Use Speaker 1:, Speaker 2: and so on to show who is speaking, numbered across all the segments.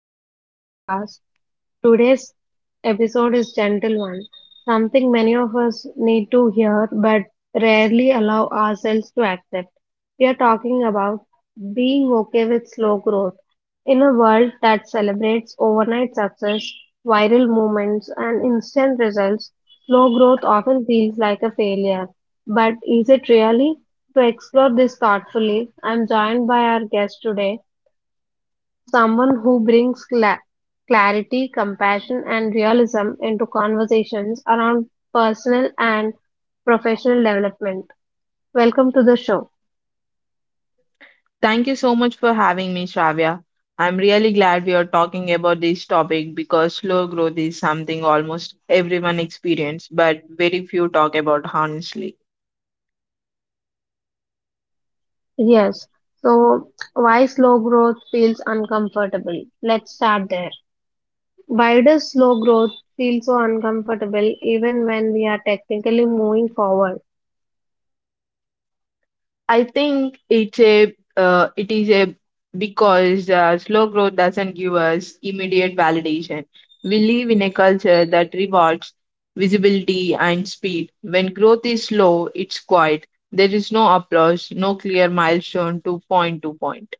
Speaker 1: back to the podcast. Today's episode is gentle one, something many of us need to hear but rarely allow ourselves to accept. We are talking about being okay with slow growth in a world that celebrates overnight success, viral moments, and instant results. Slow growth often feels like a failure, but is it really? To explore this thoughtfully, I'm joined by our guest today. Someone who brings clarity, compassion, and realism into conversations around personal and professional development. Welcome to the show.
Speaker 2: Thank you so much for having me, Shravya. I'm really glad we are talking about this topic because slow growth is something almost everyone experiences, but very few talk about honestly.
Speaker 1: Yes, so why slow growth feels uncomfortable? Let's start there. Why does slow growth feel so uncomfortable even when we are technically moving forward?
Speaker 2: I think it's a it is a because Slow growth doesn't give us immediate validation. We live in a culture that rewards visibility and speed. When growth is slow, it's quiet. There is no applause, no clear milestone to point to point.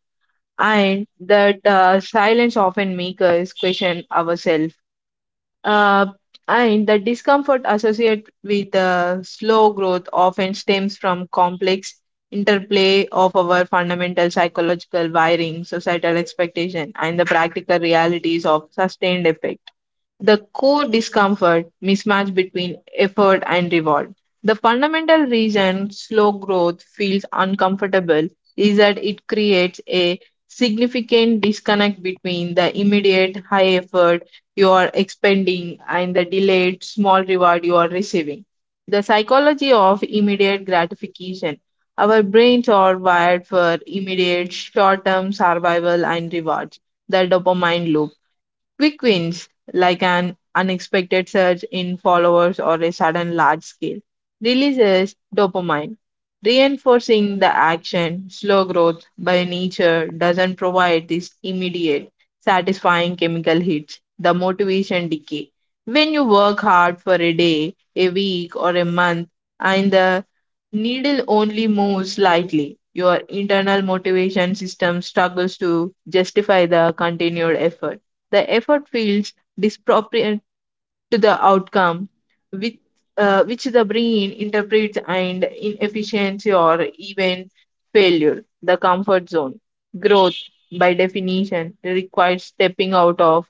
Speaker 2: And that silence often makes us question ourselves. Uh, and the discomfort associated with slow growth often stems from complex interplay of our fundamental psychological wiring, societal expectation, and the practical realities of sustained effect. The core discomfort mismatch between effort and reward. The fundamental reason slow growth feels uncomfortable is that it creates a significant disconnect between the immediate high effort you are expending and the delayed small reward you are receiving. The psychology of immediate gratification. Our brains are wired for immediate short term survival and rewards, the dopamine loop. Quick wins, like an unexpected surge in followers or a sudden large scale, releases dopamine, reinforcing the action. Slow growth, by nature, doesn't provide this immediate, satisfying chemical hits. The motivation decay. When you work hard for a day, a week, or a month, and the needle only moves slightly, your internal motivation system struggles to justify the continued effort. The effort feels disproportionate to the outcome, which, which the brain interprets and inefficiency or even failure. The comfort zone. Growth, by definition, requires stepping out of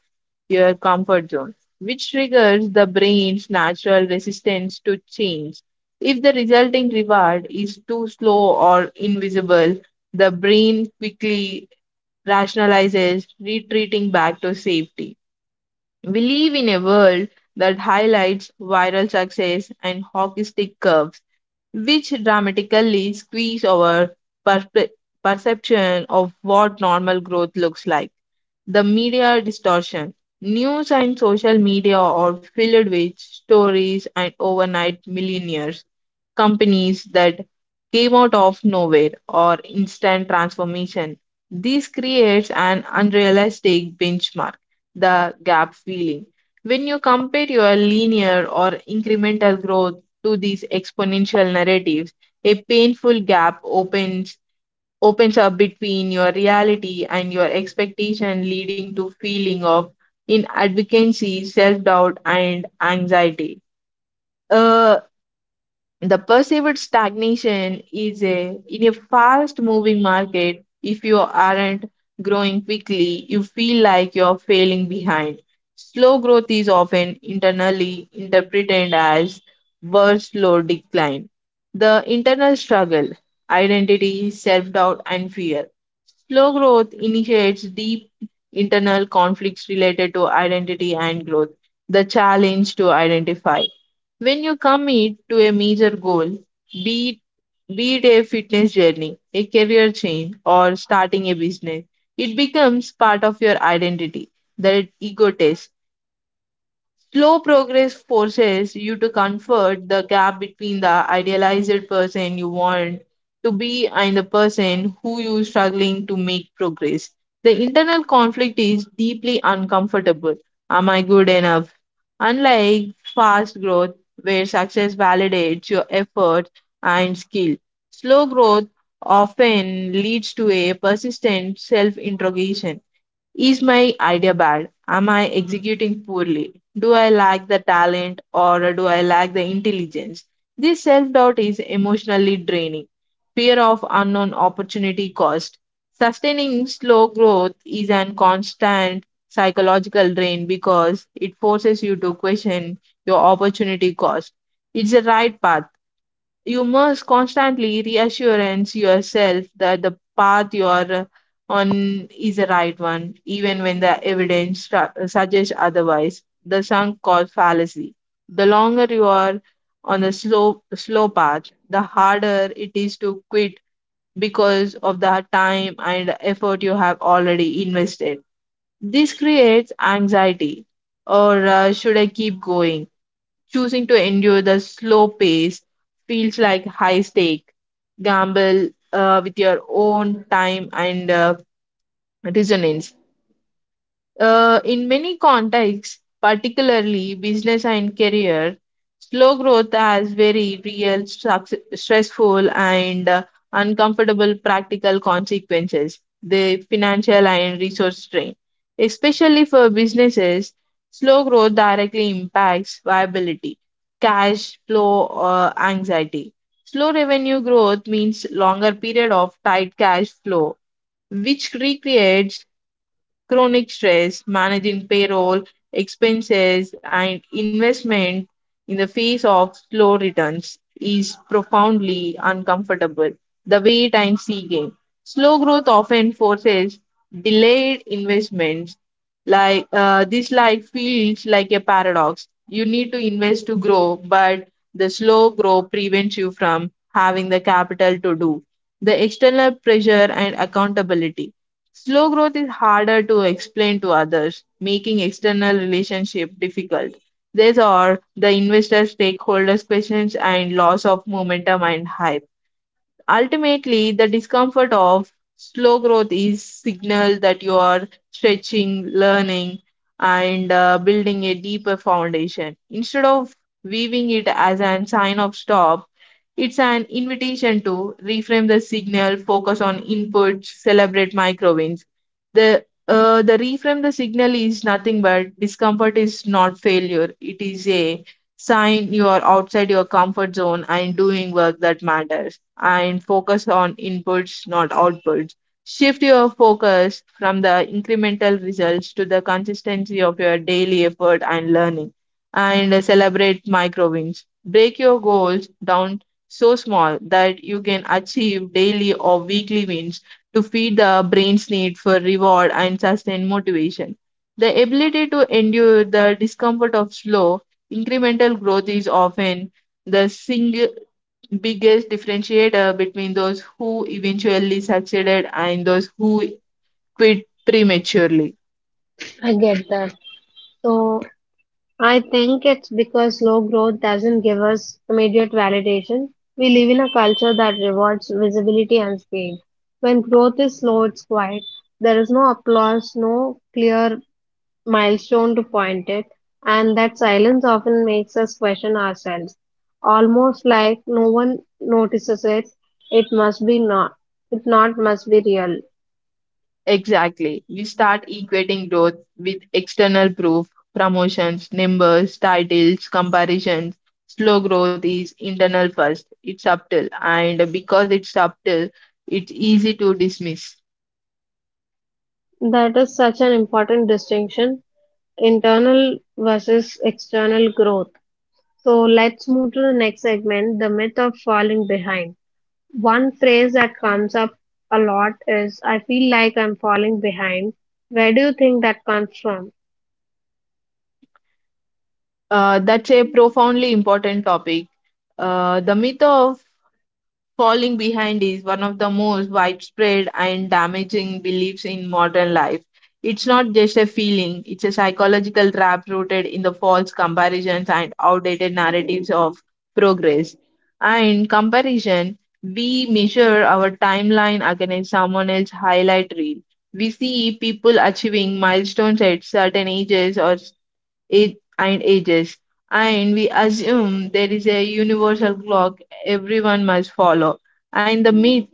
Speaker 2: your comfort zone, which triggers the brain's natural resistance to change. If the resulting reward is too slow or invisible, the brain quickly rationalizes retreating back to safety. We live in a world that highlights viral success and hockey stick curves, which dramatically squeeze our perpe- perception of what normal growth looks like. The media distortion. News and social media are filled with stories and overnight millionaires companies that came out of nowhere or instant transformation. This creates an unrealistic benchmark, the gap feeling. When you compare your linear or incremental growth to these exponential narratives, a painful gap opens up between your reality and your expectation leading to feeling of inadvocacy, self-doubt and anxiety. Uh, the perceived stagnation is a in a fast moving market. If you aren't growing quickly, you feel like you're failing behind. Slow growth is often internally interpreted as worse slow decline. The internal struggle, identity, self doubt, and fear. Slow growth initiates deep internal conflicts related to identity and growth, the challenge to identify when you commit to a major goal, be it, be it a fitness journey, a career change, or starting a business, it becomes part of your identity. The ego test. Slow progress forces you to comfort the gap between the idealized person you want to be and the person who you struggling to make progress. The internal conflict is deeply uncomfortable. Am I good enough? Unlike fast growth, where success validates your effort and skill, slow growth often leads to a persistent self interrogation. Is my idea bad? Am I executing poorly? Do I lack the talent or do I lack the intelligence? This self doubt is emotionally draining. Fear of unknown opportunity cost. Sustaining slow growth is an constant psychological drain because it forces you to question your opportunity cost. It's the right path you must constantly reassurance yourself that the path you're on is the right one, even when the evidence suggests otherwise. The sunk cost fallacy. The longer you are on the slow path, the harder it is to quit because of the time and effort you have already invested. This creates anxiety. Or should I keep going? Choosing to endure the slow pace feels like high stake gamble with your own time and resonance. In many contexts, particularly business and career, slow growth has very real, stressful, and uncomfortable practical consequences. The financial and resource strain, especially for businesses, slow growth directly impacts viability, cash flow, anxiety. Slow revenue growth means longer period of tight cash flow, which recreates chronic stress, managing payroll, expenses, and investment in the face of slow returns is profoundly uncomfortable. The wait and see game. Slow growth often forces delayed investments. Like this, life feels like a paradox. You need to invest to grow, but the slow growth prevents you from having the capital to do the external pressure and accountability. Slow growth is harder to explain to others, making external relationship difficult. These are the investor stakeholders questions and loss of momentum and hype. Ultimately, the discomfort of slow growth is signal that you are stretching, learning, and building a deeper foundation. Instead of viewing it as a sign of stop, it's an invitation to reframe the signal, focus on inputs, celebrate micro wins. The reframe the signal is nothing but discomfort is not failure. It is a sign you are outside your comfort zone and doing work that matters. And focus on inputs, not outputs. Shift your focus from the incremental results to the consistency of your daily effort and learning. And celebrate micro wins. Break your goals down so small that you can achieve daily or weekly wins to feed the brain's need for reward and sustained motivation. The ability to endure the discomfort of slow, incremental growth is often the single biggest differentiator between those who eventually succeeded and those who quit prematurely.
Speaker 1: I get that. So, I think it's because slow growth doesn't give us immediate validation. We live in a culture that rewards visibility and speed. When growth is slow, it's quiet. There is no applause, no clear milestone to point it, and that silence often makes us question ourselves. Almost like no one notices it, it must be not, it not must be real.
Speaker 2: Exactly. We start equating growth with external proof, promotions, numbers, titles, comparisons. Slow growth is internal first. It's subtle, and because it's subtle, it's easy to dismiss.
Speaker 1: That is such an important distinction, internal versus external growth. So let's move to the next segment, the myth of falling behind. One phrase that comes up a lot is I feel like I'm falling behind. Where do you think that comes from?
Speaker 2: That's a profoundly important topic. The myth of falling behind is one of the most widespread and damaging beliefs in modern life. It's not just a feeling, it's a psychological trap rooted in the false comparisons and outdated narratives of progress. And comparison, we measure our timeline against someone else's highlight reel. We see people achieving milestones at certain ages or age and ages, and we assume there is a universal clock everyone must follow. And the myth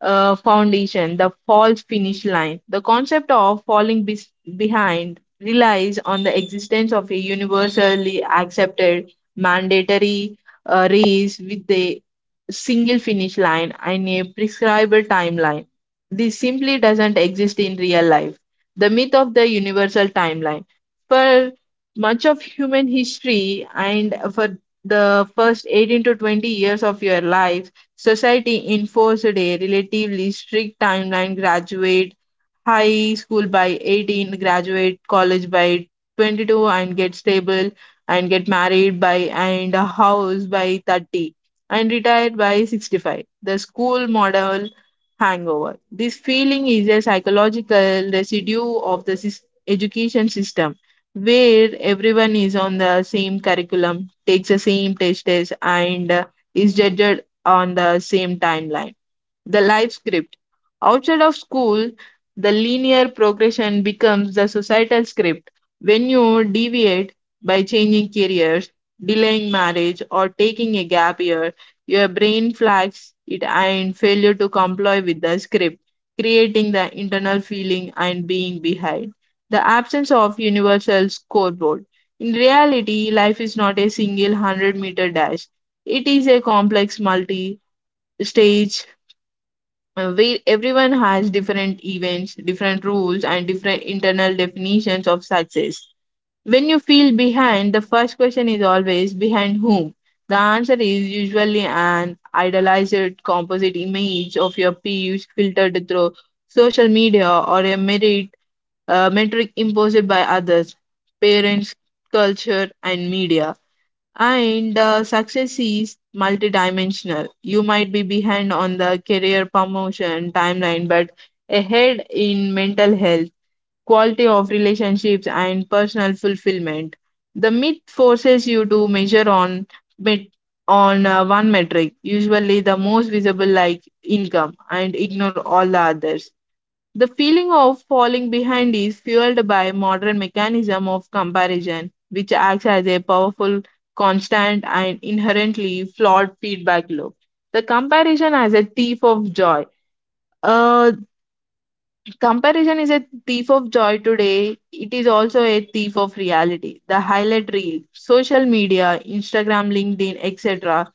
Speaker 2: foundation, the false finish line. The concept of falling bes behind relies on the existence of a universally accepted mandatory race with a single finish line and a prescribed timeline. This simply doesn't exist in real life. The myth of the universal timeline. For much of human history and for the first 18 to 20 years of your life, society enforced a relatively strict timeline graduate high school by 18, graduate college by 22, and get stable and get married by and a house by 30 and retire by 65. The school model hangover. This feeling is a psychological residue of the education system where everyone is on the same curriculum, takes the same test, and is judged on the same timeline the life script. Outside of school, the linear progression becomes the societal script. When you deviate by changing careers, delaying marriage, or taking a gap year, your brain flags it and failure to comply with the script, creating the internal feeling and being behind. The absence of universal scoreboard. In reality, life is not a single 100-meter dash. It is a complex multi stage where everyone has different events, different rules, and different internal definitions of success. When you feel behind, the first question is always behind whom? The answer is usually an idealized composite image of your peers filtered through social media or a merit metric imposed by others, parents, culture, and media. And success is multidimensional. You might be behind on the career promotion timeline, but ahead in mental health, quality of relationships, and personal fulfillment. The myth forces you to measure on met- one metric, usually the most visible, like income, and ignore all the others. The feeling of falling behind is fueled by modern mechanism of comparison, which acts as a powerful, constant, and inherently flawed feedback loop. The comparison as a thief of joy. Uh, comparison is a thief of joy today. It is also a thief of reality. The highlight reel, social media, Instagram, LinkedIn, etc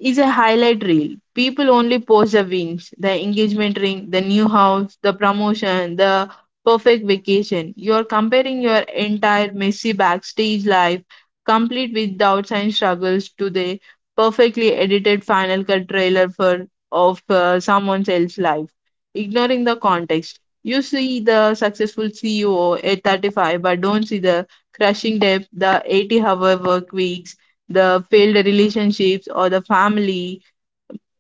Speaker 2: is a highlight reel. People only post the wins, the engagement ring, the new house, the promotion, the perfect vacation. You're comparing your entire messy backstage life, complete with doubts and struggles, to the perfectly edited final cut trailer for of someone else's life, ignoring the context. You see the successful CEO at 35, but don't see the crushing debt, the 80-hour work weeks, the failed relationships or the family,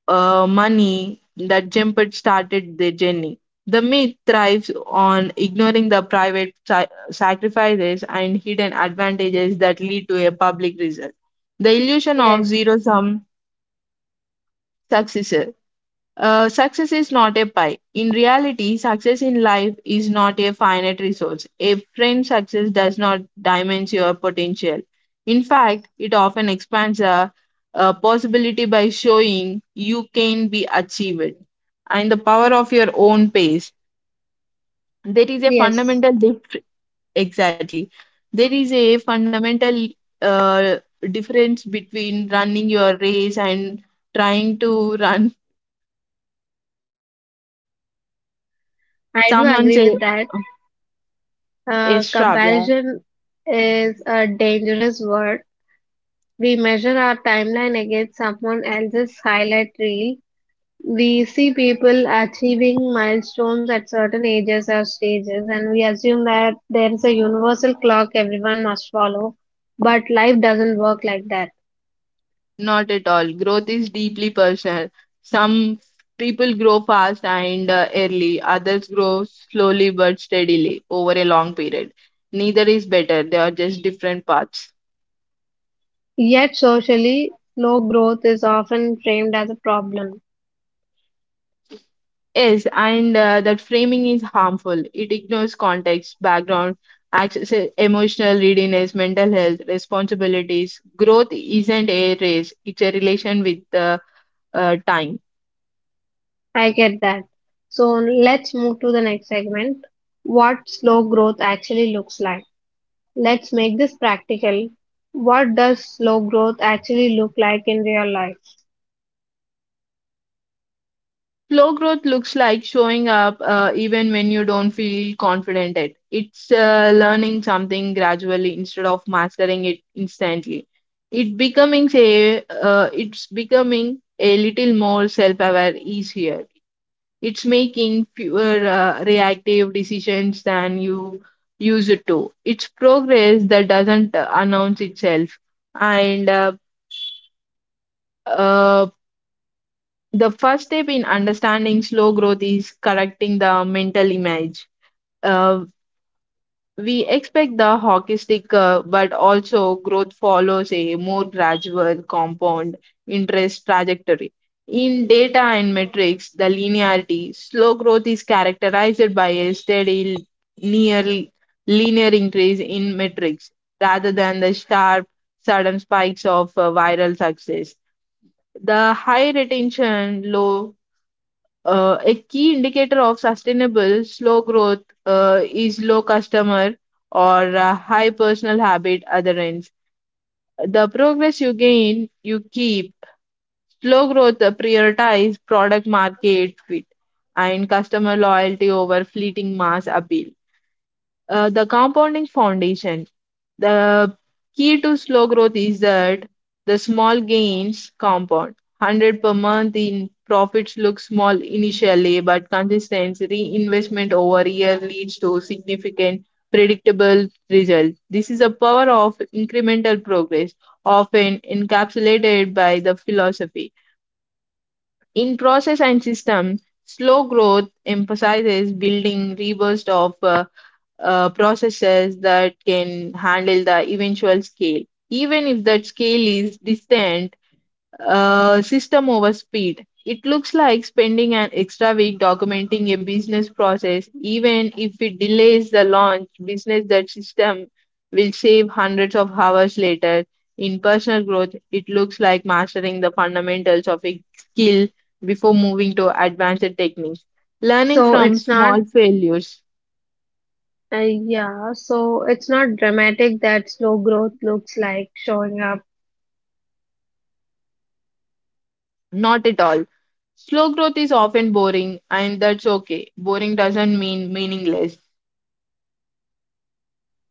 Speaker 2: money that Jemput started their journey. The myth thrives on ignoring the private sacrifices and hidden advantages that lead to a public result. The illusion of
Speaker 1: Yes,
Speaker 2: zero sum success. Success is not a pie. In reality, success in life is not a finite resource. A framed success does not diminish your potential. In fact, it often expands a possibility by showing you can be achieved and the power of your own pace. There is a
Speaker 1: yes,
Speaker 2: fundamental exactly. There is a fundamental uh, difference between running your race and trying to run
Speaker 1: I do
Speaker 2: someone's
Speaker 1: agree with that.
Speaker 2: It's Shravya.
Speaker 1: Comparison is a dangerous word. We measure our timeline against someone else's highlight reel. We see people achieving milestones at certain ages or stages, and we assume that there is a universal clock everyone must follow. But life doesn't work like that.
Speaker 2: Not at all. Growth is deeply personal. Some people grow fast and early, others grow slowly but steadily over a long period. Neither is better, they are just different paths.
Speaker 1: Yet, socially, slow growth is often framed as a problem.
Speaker 2: Yes, and that framing is harmful. It ignores context, background, access, emotional readiness, mental health, responsibilities. Growth isn't a race, it's a relation with time.
Speaker 1: I get that. So, let's move to the next segment, what slow growth actually looks like. Let's make this practical. What does slow growth actually look like in real life?
Speaker 2: Slow growth looks like showing up even when you don't feel confident at. It's learning something gradually instead of mastering it instantly. It's becoming a little more self-aware easier. It's making fewer reactive decisions than you used to. It's progress that doesn't announce itself and uh, The first step in understanding slow growth is correcting the mental image. Uh, we expect the hockey stick, but also growth follows a more gradual compound interest trajectory. In data and metrics, the linearity, slow growth is characterized by a steady, near linear increase in metrics rather than the sharp, sudden spikes of viral success. The high retention, low a key indicator of sustainable slow growth is low customer or high personal habit adherence. The progress you gain, you keep. Slow growth prioritize product market fit and customer loyalty over fleeting mass appeal. The compounding foundation. The key to slow growth is that the small gains compound. 100 per month in profits look small initially, but consistent reinvestment over a year leads to significant predictable results. This is the power of incremental progress, often encapsulated by the philosophy. In process and system, slow growth emphasizes building robust of processes that can handle the eventual scale. Even if that scale is distant, system over speed. It looks like spending an extra week documenting a business process, even if it delays the launch, business that system will save hundreds of hours later. In personal growth, it looks like mastering the fundamentals of a skill before moving to advanced techniques. Learning
Speaker 1: So,
Speaker 2: from
Speaker 1: it's not
Speaker 2: small failures.
Speaker 1: Yeah, so it's not dramatic that slow growth looks like showing up.
Speaker 2: Not at all. Slow growth is often boring, and that's okay. Boring doesn't mean meaningless.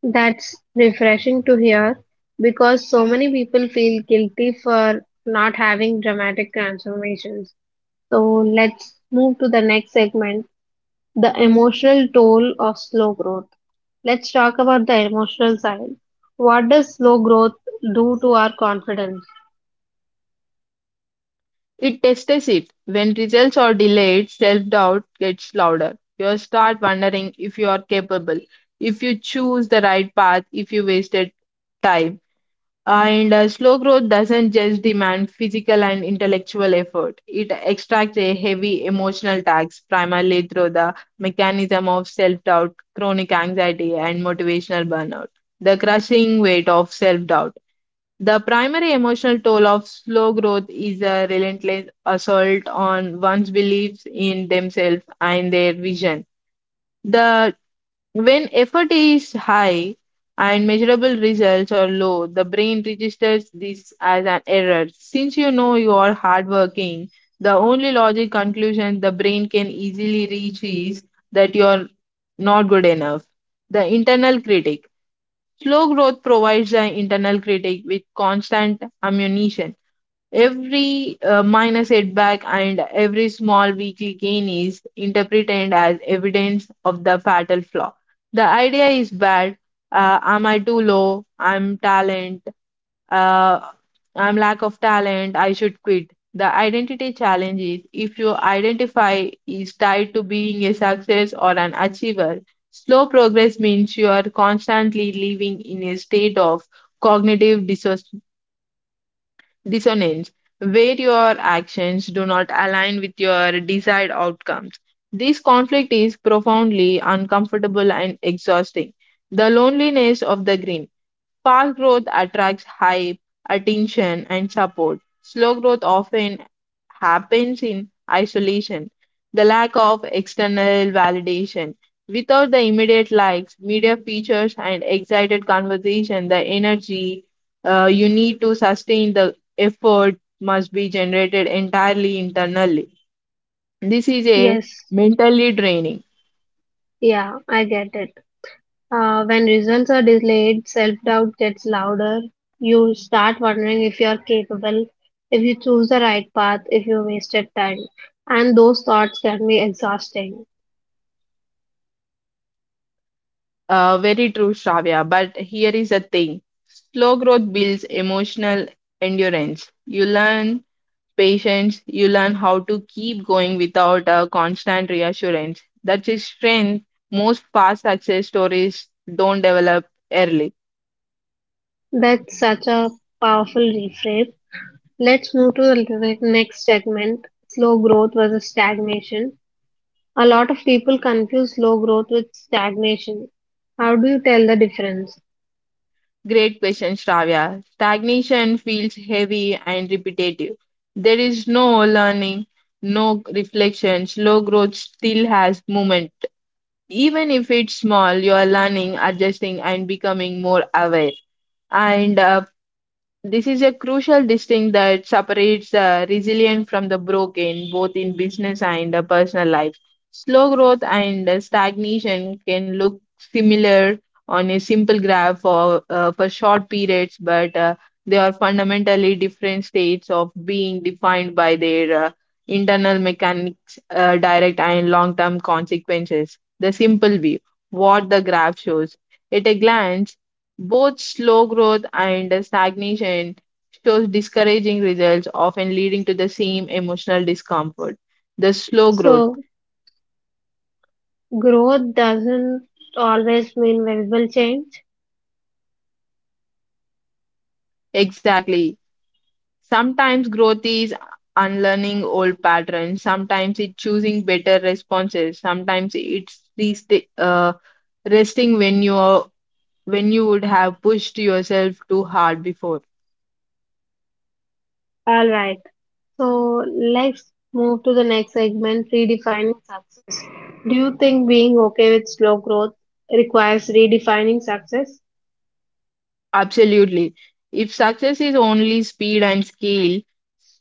Speaker 1: That's refreshing to hear because so many people feel guilty for not having dramatic transformations. So let's move to the next segment, the emotional toll of slow growth. Let's talk about the emotional side. What does slow growth do to our confidence?
Speaker 2: It tests it. When results are delayed, self doubt gets louder. You start wondering if you are capable, if you choose the right path, if you wasted time. And slow growth doesn't just demand physical and intellectual effort. It extracts a heavy emotional tax, primarily through the mechanism of self doubt, chronic anxiety, and motivational burnout. The crushing weight of self doubt. The primary emotional toll of slow growth is a relentless assault on one's beliefs in themselves and their vision. The when effort is high and measurable results are low, the brain registers this as an error. Since you know you are hardworking, the only logic conclusion the brain can easily reach is that you are not good enough. The internal critic. Slow growth provides the internal critic with constant ammunition. Every minor setback and every small weekly gain is interpreted as evidence of the fatal flaw. The idea is bad. Am I too low? I'm talent. Uh, I'm lack of talent. I should quit. The identity challenge is if your identify is tied to being a success or an achiever, slow progress means you are constantly living in a state of cognitive dissociation dissonance, where your actions do not align with your desired outcomes. This conflict is profoundly uncomfortable and exhausting. The loneliness of the green. Fast growth attracts hype, attention, and support. Slow growth often happens in isolation, the lack of external validation. Without the immediate likes, media features, and excited conversation, the energy you need to sustain the effort must be generated entirely internally. This is a
Speaker 1: Yes,
Speaker 2: mentally draining.
Speaker 1: yeah, I get it. When results are delayed, self doubt gets louder. You start wondering if you are capable, if you choose the right path, if you wasted time. And those thoughts can be exhausting.
Speaker 2: Very true, Shravya. But here is a thing, slow growth builds emotional endurance. You learn patience, you learn how to keep going without a constant reassurance. That's a strength most fast success stories don't develop early.
Speaker 1: That's such a powerful reframe. Let's move to the next segment, slow growth versus stagnation. A lot of people confuse slow growth with stagnation. How do you tell the difference?
Speaker 2: Great question, Shravya. Stagnation feels heavy and repetitive. There is no learning, no reflection. Slow growth still has momentum, even if it's small, you are learning, adjusting, and becoming more aware. And this is a crucial distinction that separates the resilient from the broken, both in business and personal life. Slow growth and stagnation can look similar on a simple graph for short periods, but they are fundamentally different states of being defined by their internal mechanics, direct and long term consequences. The simple view, what the graph shows. At a glance, both slow growth and stagnation shows discouraging results, often leading to the same emotional discomfort. The slow growth,
Speaker 1: So, growth doesn't always mean visible change.
Speaker 2: exactly. Sometimes growth is unlearning old patterns, sometimes it's choosing better responses, sometimes it's uh, resting when you would have pushed yourself too hard before.
Speaker 1: All right. So let's move to the next segment, redefining success. Do you think being okay with slow growth requires redefining success?
Speaker 2: Absolutely. If success is only speed and scale,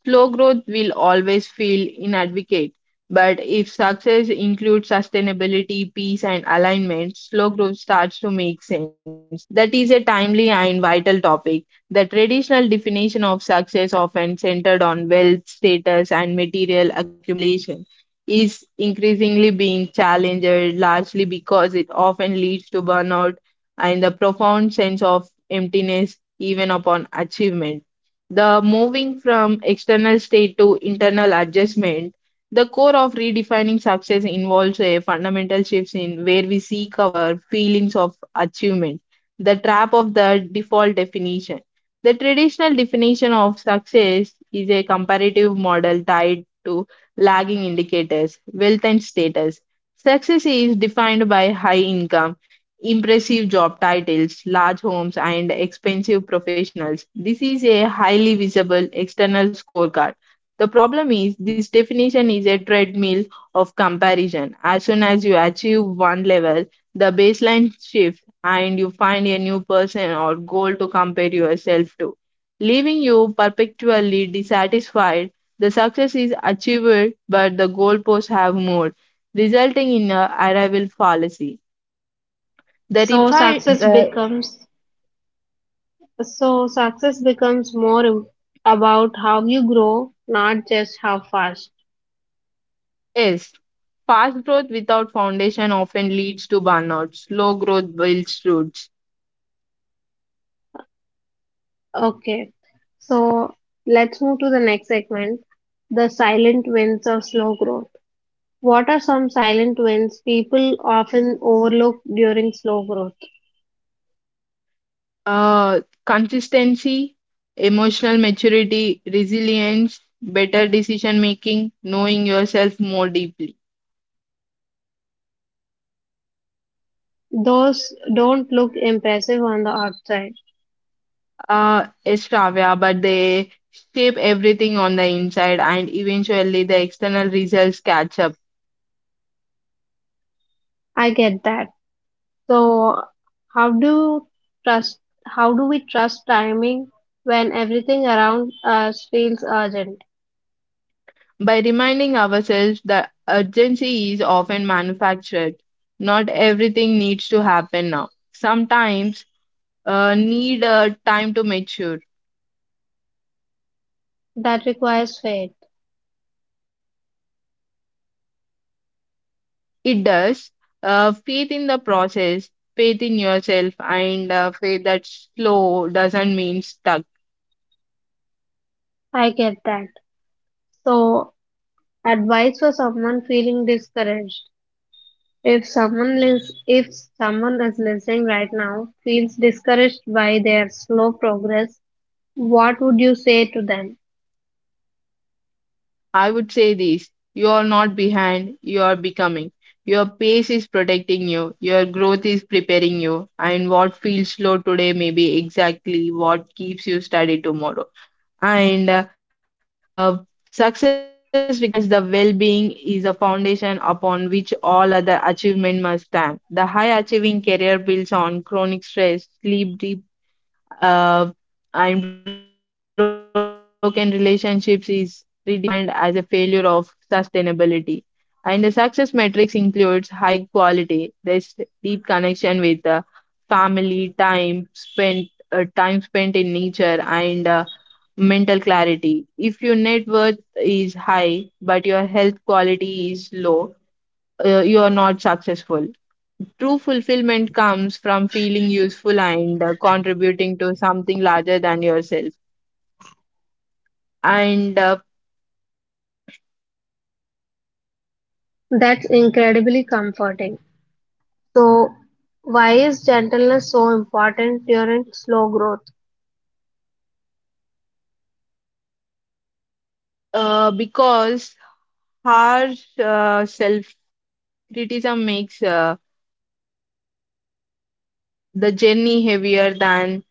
Speaker 2: slow growth will always feel inadequate, but if success includes sustainability, peace, and alignment, slow growth starts to make sense. That is a timely and vital topic. The traditional definition of success, often centered on wealth, status, and material accumulation, is increasingly being challenged largely because it often leads to burnout and a profound sense of emptiness even upon achievement. The moving from external state to internal adjustment, the core of redefining success involves a fundamental shift in where we seek our feelings of achievement, the trap of the default definition. The traditional definition of success is a comparative model tied to lagging indicators, wealth, and status. Success is defined by high income, impressive job titles, large homes, and expensive professionals. This is a highly visible external scorecard. The problem is, this definition is a treadmill of comparison. As soon as you achieve one level, the baseline shifts and you find a new person or goal to compare yourself to, leaving you perpetually dissatisfied. The success is achieved, but the goalposts have moved, resulting in a arrival fallacy. The
Speaker 1: So
Speaker 2: refine
Speaker 1: success becomes so success becomes more about how you grow, not just how fast.
Speaker 2: is fast growth without foundation often leads to burnout. Slow growth builds roots.
Speaker 1: Okay. So let's move to the next segment, the silent wins of slow growth. What are some silent wins people often overlook during slow growth?
Speaker 2: Uh, consistency, emotional maturity, resilience, better decision making, knowing yourself more deeply.
Speaker 1: Those don't look impressive on the outside.
Speaker 2: It's trivia, but they shape everything on the inside, and eventually the external results catch up.
Speaker 1: I get that. So how do trust how do we trust timing when everything around us feels urgent?
Speaker 2: By reminding ourselves that urgency is often manufactured. Not everything needs to happen now. Sometimes need time to mature.
Speaker 1: That requires faith.
Speaker 2: It does. Faith in the process, faith in yourself, and faith that slow doesn't mean stuck.
Speaker 1: I get that. So, advice for someone feeling discouraged. If someone is listening right now feels discouraged by their slow progress, what would you say to them?
Speaker 2: I would say this: you are not behind, you are becoming. Your pace is protecting you, your growth is preparing you, and what feels slow today may be exactly what keeps you steady tomorrow. And uh, success recognizes the well-being is a foundation upon which all other achievement must stand. The high achieving career builds on chronic stress, sleep deep uh, and broken relationships, is redefined as a failure of sustainability and the success metrics includes high quality, there's deep connection with family time spent in nature and mental clarity. If your net worth is high but your health quality is low, you are not successful. True fulfillment comes from feeling useful and contributing to something larger than yourself. And
Speaker 1: That's incredibly comforting. So, why is gentleness so important during slow growth?
Speaker 2: because harsh self criticism makes the journey heavier than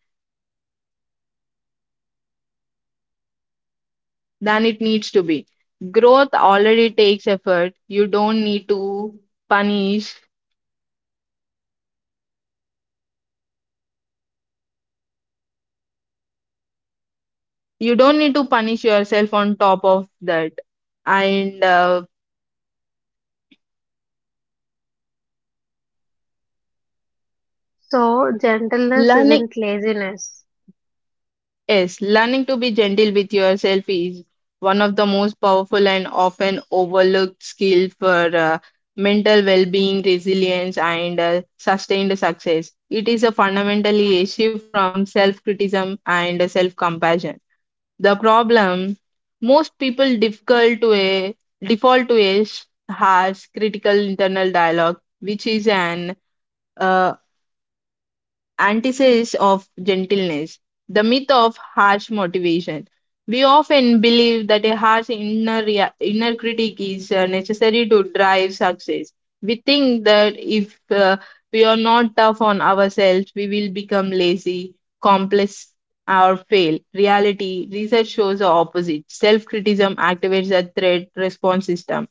Speaker 2: it needs to be. Growth already takes effort. Punish you don't need to punish yourself on top of that and
Speaker 1: So, gentleness
Speaker 2: learning
Speaker 1: isn't laziness.
Speaker 2: yes, learning to be gentle with yourself is one of the most powerful and often overlooked skill for mental well-being, resilience and sustained success. It is a fundamentally a shift from self-criticism and self-compassion. The problem, most people difficult to a default to a harsh critical internal dialogue, which is an uh, antithesis of gentleness, the myth of harsh motivation. We often believe that a harsh inner critic is necessary to drive success. We think that if we are not tough on ourselves, we will become lazy, complex, or fail. Reality research shows the opposite. Self criticism activates a threat response system,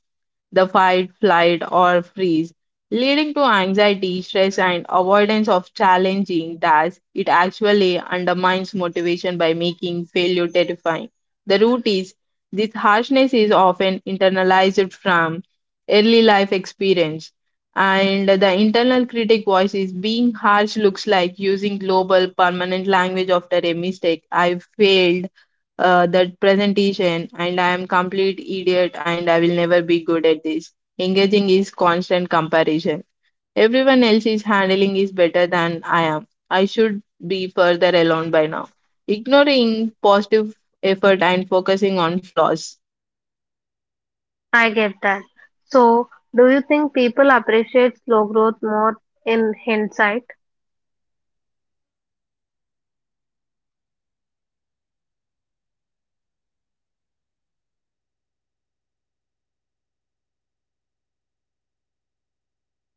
Speaker 2: the fight, flight, or freeze, leading to anxiety, stress, and avoidance of challenging tasks. It actually undermines motivation by making failure terrifying. The root is, this harshness is often internalized from early life experience. And the internal critic voice is being harsh looks like using global permanent language after a mistake. I failed that presentation and I am complete idiot and I will never be good at this. Engaging is constant comparison. Everyone else is handling is better than I am. I should be further alone by now. Ignoring positive effort and focusing on flaws.
Speaker 1: I get that. So, do you think people appreciate slow growth more in hindsight?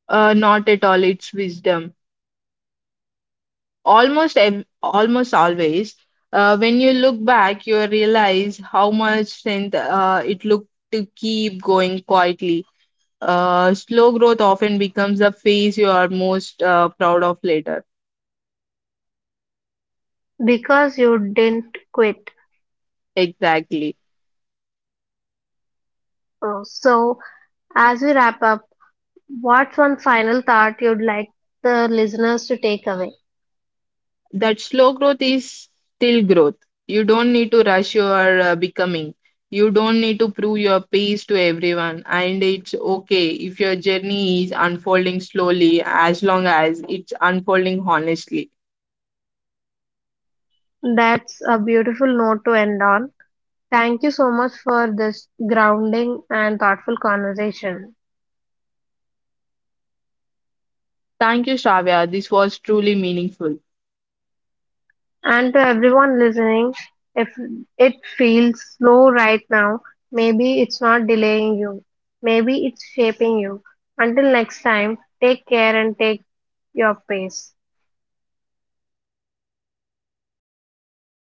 Speaker 2: Not at all. It's wisdom. Almost always. When you look back, you realize how much strength it took to keep going quietly. Slow growth often becomes the phase you are most proud of later.
Speaker 1: Because you didn't quit.
Speaker 2: Exactly.
Speaker 1: So, as we wrap up, what's one final thought you'd like the listeners to take away?
Speaker 2: That slow growth is still growth. You don't need to rush your becoming. You don't need to prove your pace to everyone. And it's okay if your journey is unfolding slowly as long as it's unfolding honestly.
Speaker 1: That's a beautiful note to end on. Thank you so much for this grounding and thoughtful conversation.
Speaker 2: Thank you, Shravya. This was truly meaningful.
Speaker 1: And to everyone listening, if it feels slow right now, maybe it's not delaying you. Maybe it's shaping you. Until next time, take care and take your pace.